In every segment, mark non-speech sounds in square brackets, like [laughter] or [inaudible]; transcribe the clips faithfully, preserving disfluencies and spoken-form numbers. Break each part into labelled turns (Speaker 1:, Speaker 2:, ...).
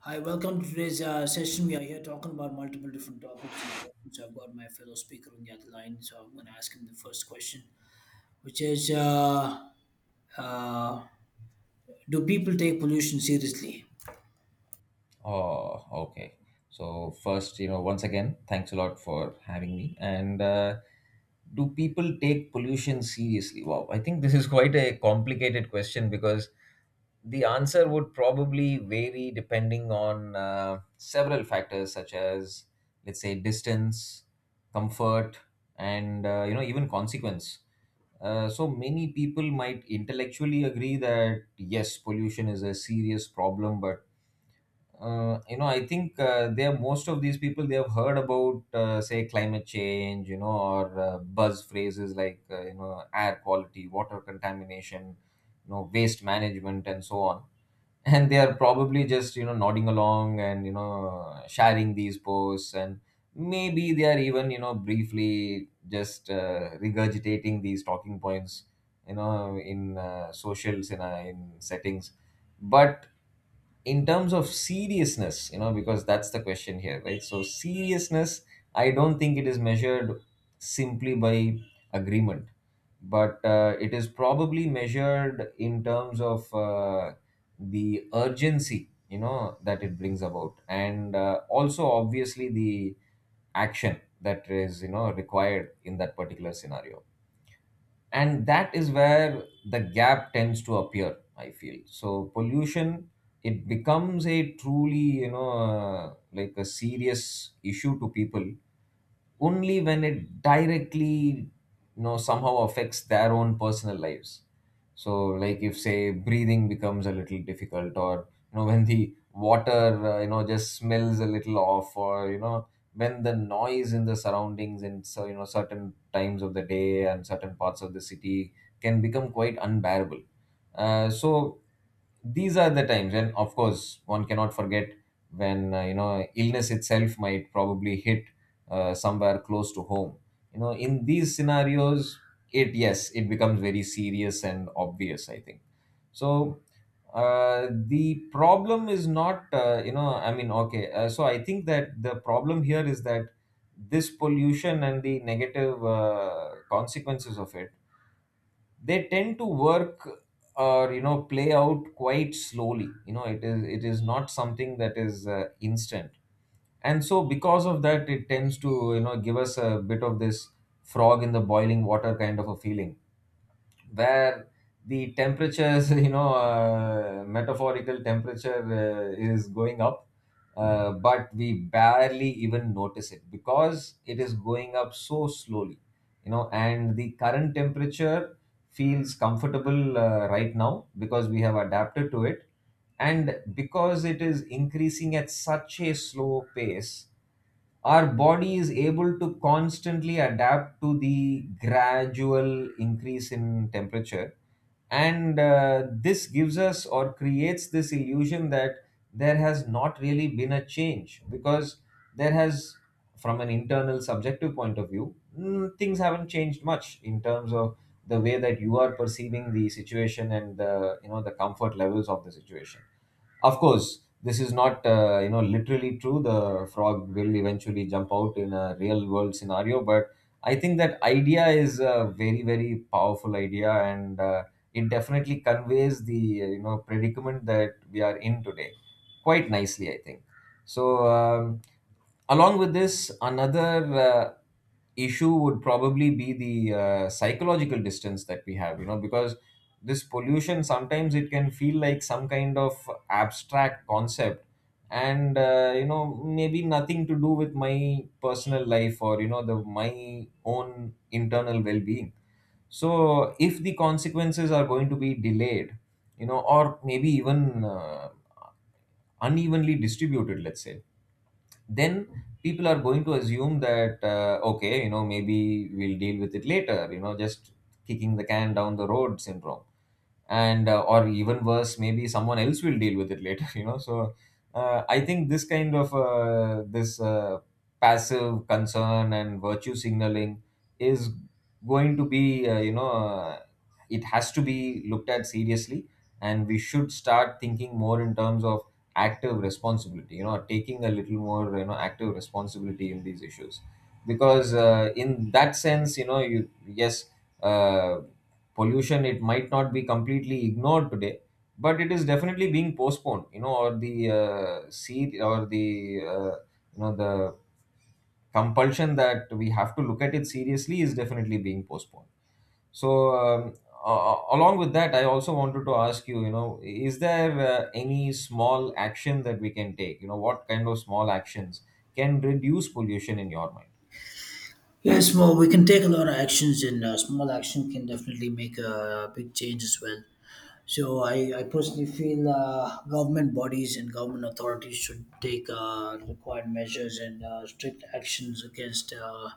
Speaker 1: Hi, welcome to today's uh, session. We are here talking about multiple different topics and questions. I've got my fellow speaker on the other line, so I'm going to ask him the first question, which is uh, uh, do people take pollution seriously?
Speaker 2: Oh, okay. So first, you know, once again, thanks a lot for having me. And uh, Do people take pollution seriously? Wow, I think this is [laughs] quite a complicated question because the answer would probably vary depending on uh, several factors such as, let's say, distance, comfort, and uh, you know, even consequence. Uh, so many people might intellectually agree that yes, pollution is a serious problem, but uh, you know, I think uh, they are most of these people they have heard about uh, say climate change, you know, or uh, buzz phrases like uh, you know air quality, water contamination, you know, waste management, and so on. [laughs] And they are probably just you know nodding along and you know sharing these posts, and maybe they are even you know briefly just uh, regurgitating these talking points, you know, in uh, social in, uh, in settings but in terms of seriousness you know because that's the question here, right? So seriousness, I don't think it is measured simply by agreement, but uh, it is probably measured in terms of uh, the urgency you know that it brings about and uh, also obviously the action that is you know required in that particular scenario, and that is where the gap tends to appear, I feel. So pollution, it becomes a truly you know uh, like a serious issue to people only when it directly you know somehow affects their own personal lives. So like if say breathing becomes a little difficult, or you know [laughs] when the water uh, you know just smells a little off, or you know when the noise in the surroundings and so you know certain times of the day and certain parts of the city can become quite unbearable. Uh, so these are the times, and of course one cannot forget when uh, you know illness itself might probably hit uh, somewhere close to home. You know, in these scenarios, it, yes, it becomes very serious and obvious, I think. So uh, the problem is not uh, you know I mean okay uh, so I think that the problem here is that this pollution and the negative uh, consequences of it, they tend to work or you know play out quite slowly. You know, it is it is not something that is uh, instant, and so because of that it tends to you know give us a bit of this frog in the boiling water kind of a feeling, where the temperatures, [laughs] you know, uh, metaphorical temperature uh, is going up, uh, but we barely even notice it because it is going up so slowly, you know, and the current temperature feels comfortable uh, right now because we have adapted to it, and because it is increasing at such a slow pace our body is able to constantly adapt to the gradual increase in temperature. And uh, this gives us or creates this illusion that there has not really been a change because there has, from an internal subjective point of view, mm, things haven't changed much in terms of the way that you are perceiving the situation and the you know the comfort levels of the situation. Of course, this is not uh, you know literally true. The frog will eventually jump out in a real world scenario, but I think that idea is a very very powerful idea, and uh, it definitely conveys the uh, you know predicament that we are in today quite nicely, I think. So, um, along with this, another uh, issue would probably be the uh, psychological distance that we have, you know, because this pollution sometimes it can feel like some kind of abstract concept, and uh, you know maybe nothing to do with my personal life or you know the my own internal well-being. So if the consequences are going to be delayed, you know, or maybe even uh, unevenly distributed, let's say, then people are going to assume that uh, okay, you know, maybe we'll deal with it later, you know, just kicking the can down the road syndrome. And uh, or even worse, maybe someone else will deal with it later, [laughs] you know. So uh, I think this kind of uh, this uh, passive concern and virtue signaling is going to be uh, you know uh, it has to be looked at seriously, and we should start thinking more in terms of active responsibility. You know, taking a little more you know active responsibility in these issues, because uh, in that sense, you know, you, yes, uh, pollution, it might not be completely ignored today, but it is definitely being postponed. You know, or the uh, seed or the uh, you know the compulsion that we have to look at it seriously is definitely being postponed. So, um, a- along with that, I also wanted to ask you, you know, is there uh, any small action that we can take? You know, what kind of small actions can reduce pollution in your mind?
Speaker 1: Yes, well, we can take a lot of actions, and uh, small action can definitely make a big change as well. So I, I personally feel uh, government bodies and government authorities should take uh, required measures and uh, strict actions against uh,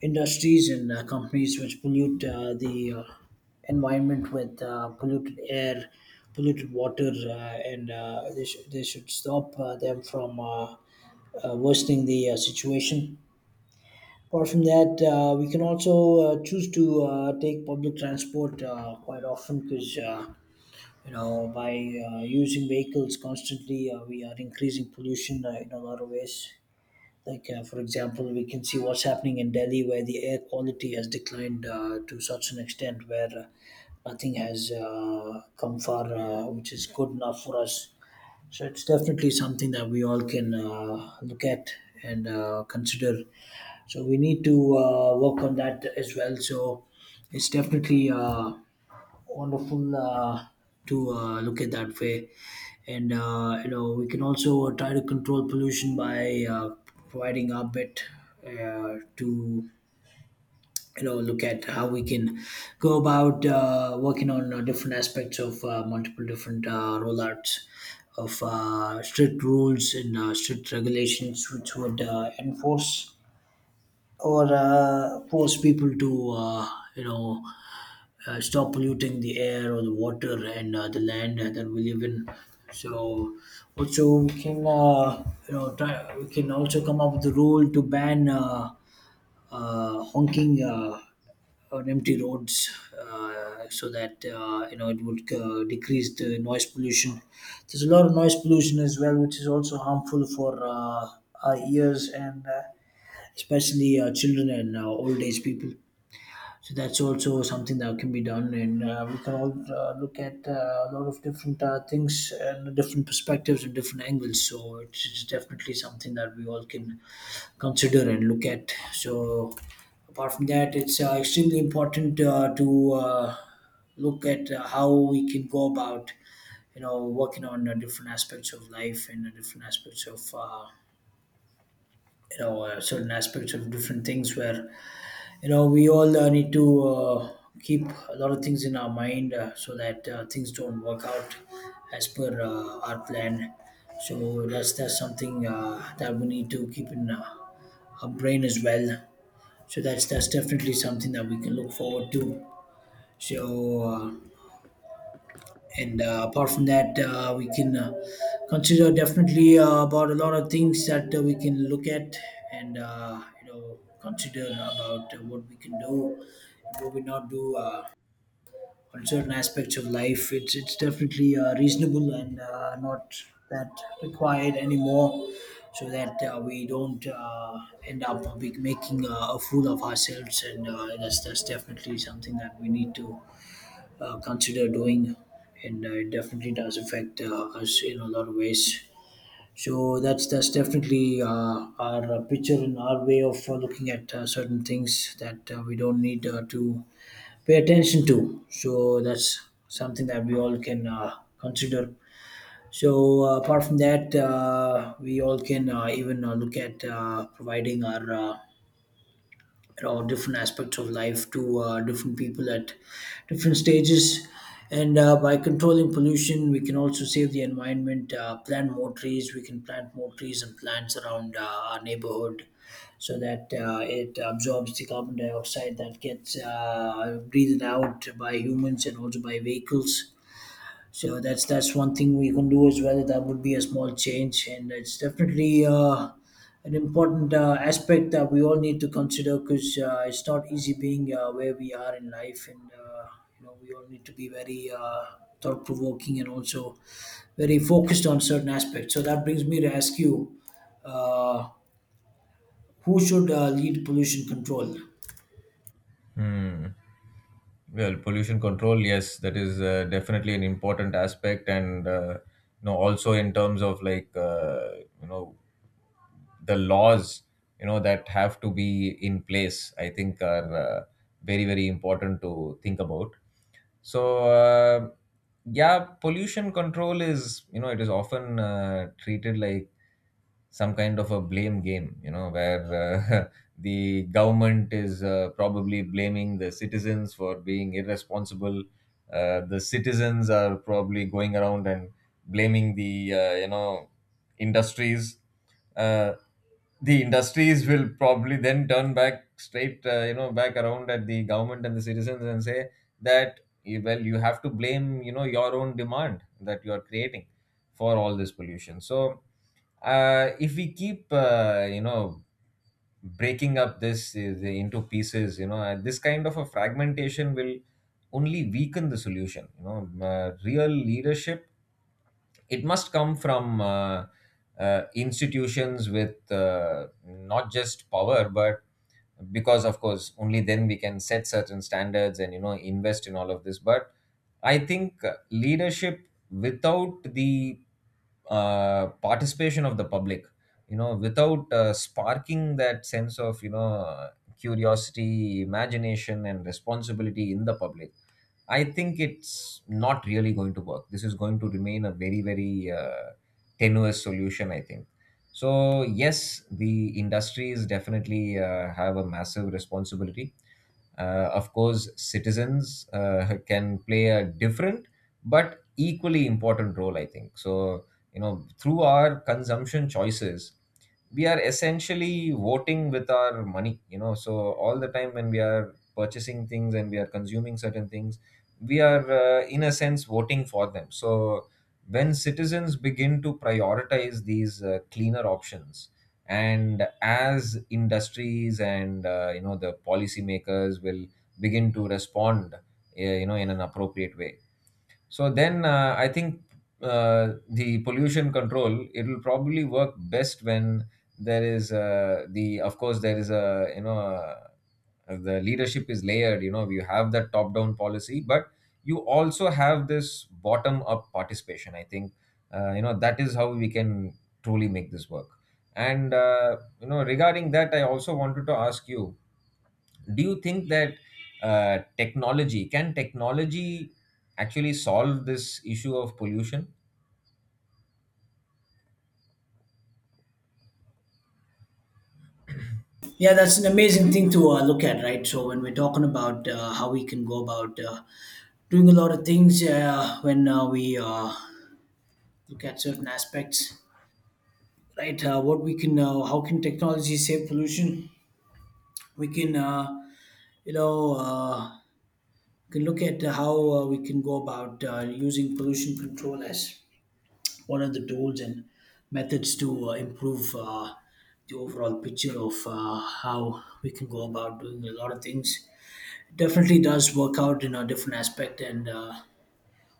Speaker 1: industries and uh, companies which pollute uh, the uh, environment with uh, polluted air, polluted water, uh, and uh, they, sh- they should stop uh, them from uh, uh, worsening the uh, situation. Apart from that, uh, we can also uh, choose to uh, take public transport uh, quite often because uh, you know by uh, using vehicles constantly uh, we are increasing pollution uh, in a lot of ways. Like uh, for example, we can see what's happening in Delhi, where the air quality has declined uh, to such an extent where uh, nothing has uh, come far uh, which is good enough for us. So it's definitely something that we all can uh, look at and uh, consider. So we need to uh, work on that as well. So it's definitely uh, wonderful uh, to uh, look at that way. And uh, you know, we can also try to control pollution by uh, providing our bit uh, to, you know, look at how we can go about uh, working on uh, different aspects of uh, multiple different uh, rollouts of uh, strict rules and uh, strict regulations which would uh, enforce or uh, force people to uh, you know uh, stop polluting the air or the water and uh, the land uh, that we live in. So also we can, uh, you know try we can also come up with a rule to ban uh, uh, honking uh, on empty roads uh, so that uh, you know, it would uh, decrease the noise pollution. There's a lot of noise pollution as well, which is also harmful for uh, our ears and uh, especially uh, children and uh, old age people. So that's also something that can be done, and uh, we can all uh, look at uh, a lot of different uh, things and different perspectives and different angles. So it's it's definitely something that we all can consider and look at. So apart from that, it's uh, extremely important uh, to uh, look at uh, how we can go about, you know, working on uh, different aspects of life and uh, different aspects of, uh, you know, uh, certain aspects of different things where you know we all uh, need to uh, keep a lot of things in our mind uh, so that uh, things don't work out as per uh, our plan. So that's that's something uh, that we need to keep in uh, our brain as well. So that's that's definitely something that we can look forward to. So uh, and uh, apart from that, uh, we can uh, consider definitely uh, about a lot of things that uh, we can look at and uh, you know, consider about uh, what we can do and what we not do uh, on certain aspects of life. It's it's definitely uh, reasonable and uh, not that required anymore, so that uh, we don't uh, end up be- making uh, a fool of ourselves. And uh, that's, that's definitely something that we need to uh, consider doing, and uh, it definitely does affect uh, us in a lot of ways. So that's that's definitely uh, our uh, picture and our way of uh, looking at uh, certain things that uh, we don't need uh, to pay attention to. So that's something that we all can uh, consider. So uh, apart from that, uh, we all can uh, even uh, look at uh, providing our uh, or different aspects of life to uh, different people at different stages. And uh, by controlling pollution, we can also save the environment, uh, plant more trees we can plant more trees and plants around uh, our neighborhood so that uh, it absorbs the carbon dioxide that gets uh, breathed out by humans and also by vehicles. So that's that's one thing we can do as well. That would be a small change, and it's definitely uh, an important uh, aspect that we all need to consider, because uh, it's not easy being uh, where we are in life, and uh, you know, we all need to be very uh, thought provoking and also very focused on certain aspects. So that brings me to ask you, uh, who should uh, lead pollution control?
Speaker 2: Hmm. Well, pollution control, yes, that is uh, definitely an important aspect, and uh, you know, also in terms of like uh, you know the laws you know that have to be in place, I think are uh, very very important to think about. So uh, yeah, pollution control is, you know, it is often uh, treated like some kind of a blame game, you know, where uh, [laughs] the government is uh, probably blaming the citizens for being irresponsible. Uh, the citizens are probably going around and blaming the, uh, you know, industries. Uh, the industries will probably then turn back straight, uh, you know, back around at the government and the citizens and say that, eh, well, you have to blame, you know, your own demand that you are creating for all this pollution. So uh, if we keep uh, you know breaking up this uh, into pieces, you know, uh, this kind of a fragmentation will only weaken the solution. You know, uh, real leadership, it must come from uh, uh, institutions with uh, not just power, but because of course only then we can set certain standards and you know invest in all of this. But I think uh, leadership without the uh, participation of the public, you know, without uh, sparking that sense of you know curiosity, imagination and responsibility in the public, I think it's not really going to work. This is going to remain a very, very uh, tenuous solution, I think. So, yes, the industries definitely uh, have a massive responsibility. Uh, of course, citizens uh, [laughs] can play a different but equally important role, I think. So, you know, through our consumption choices, we are essentially voting with our money. You know, so all the time when we are purchasing things and we are consuming certain things, we are uh, in a sense voting for them. So when citizens begin to prioritize these uh, cleaner options, and as industries and uh, you know the policymakers will begin to respond uh, you know in an appropriate way, so then uh, I think uh, the pollution control, it will probably work best when there is uh, the, of course, there is a, you know, uh, the leadership is layered. You know, you have that top down policy, but you also have this bottom up participation, I think. Uh, you know, that is how we can truly make this work. And uh, you know, regarding that, I also wanted to ask you, do you think that uh, technology can technology actually solve this issue of pollution?
Speaker 1: Yeah, that's an amazing thing to uh, look at, right? So when we're talking about uh, how we can go about uh, doing a lot of things uh, when uh, we uh, look at certain aspects, right, uh, what we can uh, how can technology save pollution, we can uh, you know uh, can look at how uh, we can go about uh, using pollution control as one of the tools and methods to uh, improve uh, the overall picture of uh, how we can go about doing a lot of things. Definitely does work out in a different aspect. And uh,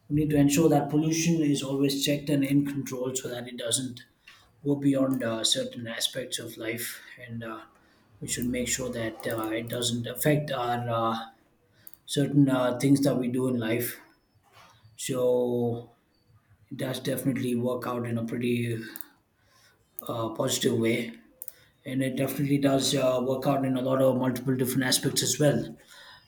Speaker 1: we need to ensure that pollution is always checked and in control so that it doesn't go beyond uh, certain aspects of life. And uh, we should make sure that uh, it doesn't affect our uh, certain uh, things that we do in life. So it does definitely work out in a pretty uh, positive way. And it definitely does uh, work out in a lot of multiple different aspects as well.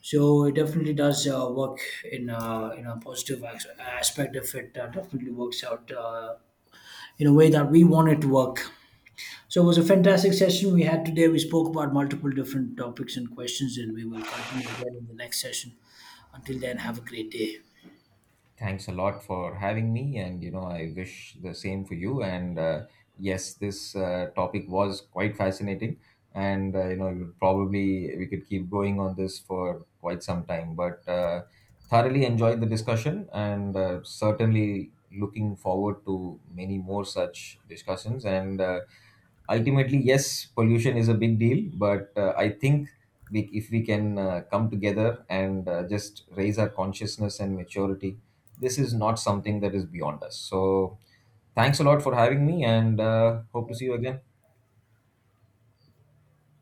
Speaker 1: So it definitely does uh, work in a, in a positive as- aspect if it uh, definitely works out uh, in a way that we want it to work. So it was a fantastic session we had today. We spoke about multiple different topics and questions, and we will continue again in the next session. Until then, have a great day.
Speaker 2: Thanks a lot for having me, and you know, I wish the same for you. And uh, Yes, this uh, topic was quite fascinating, and uh, you know, you'll probably, we could keep going on this for quite some time. But uh, thoroughly enjoyed the discussion, and uh, certainly looking forward to many more such discussions. And uh, Ultimately, yes, pollution is a big deal, but uh, I think we, if we can uh, come together and uh, just raise our consciousness and maturity, this is not something that is beyond us. So, thanks a lot for having me, and uh, hope to see you again.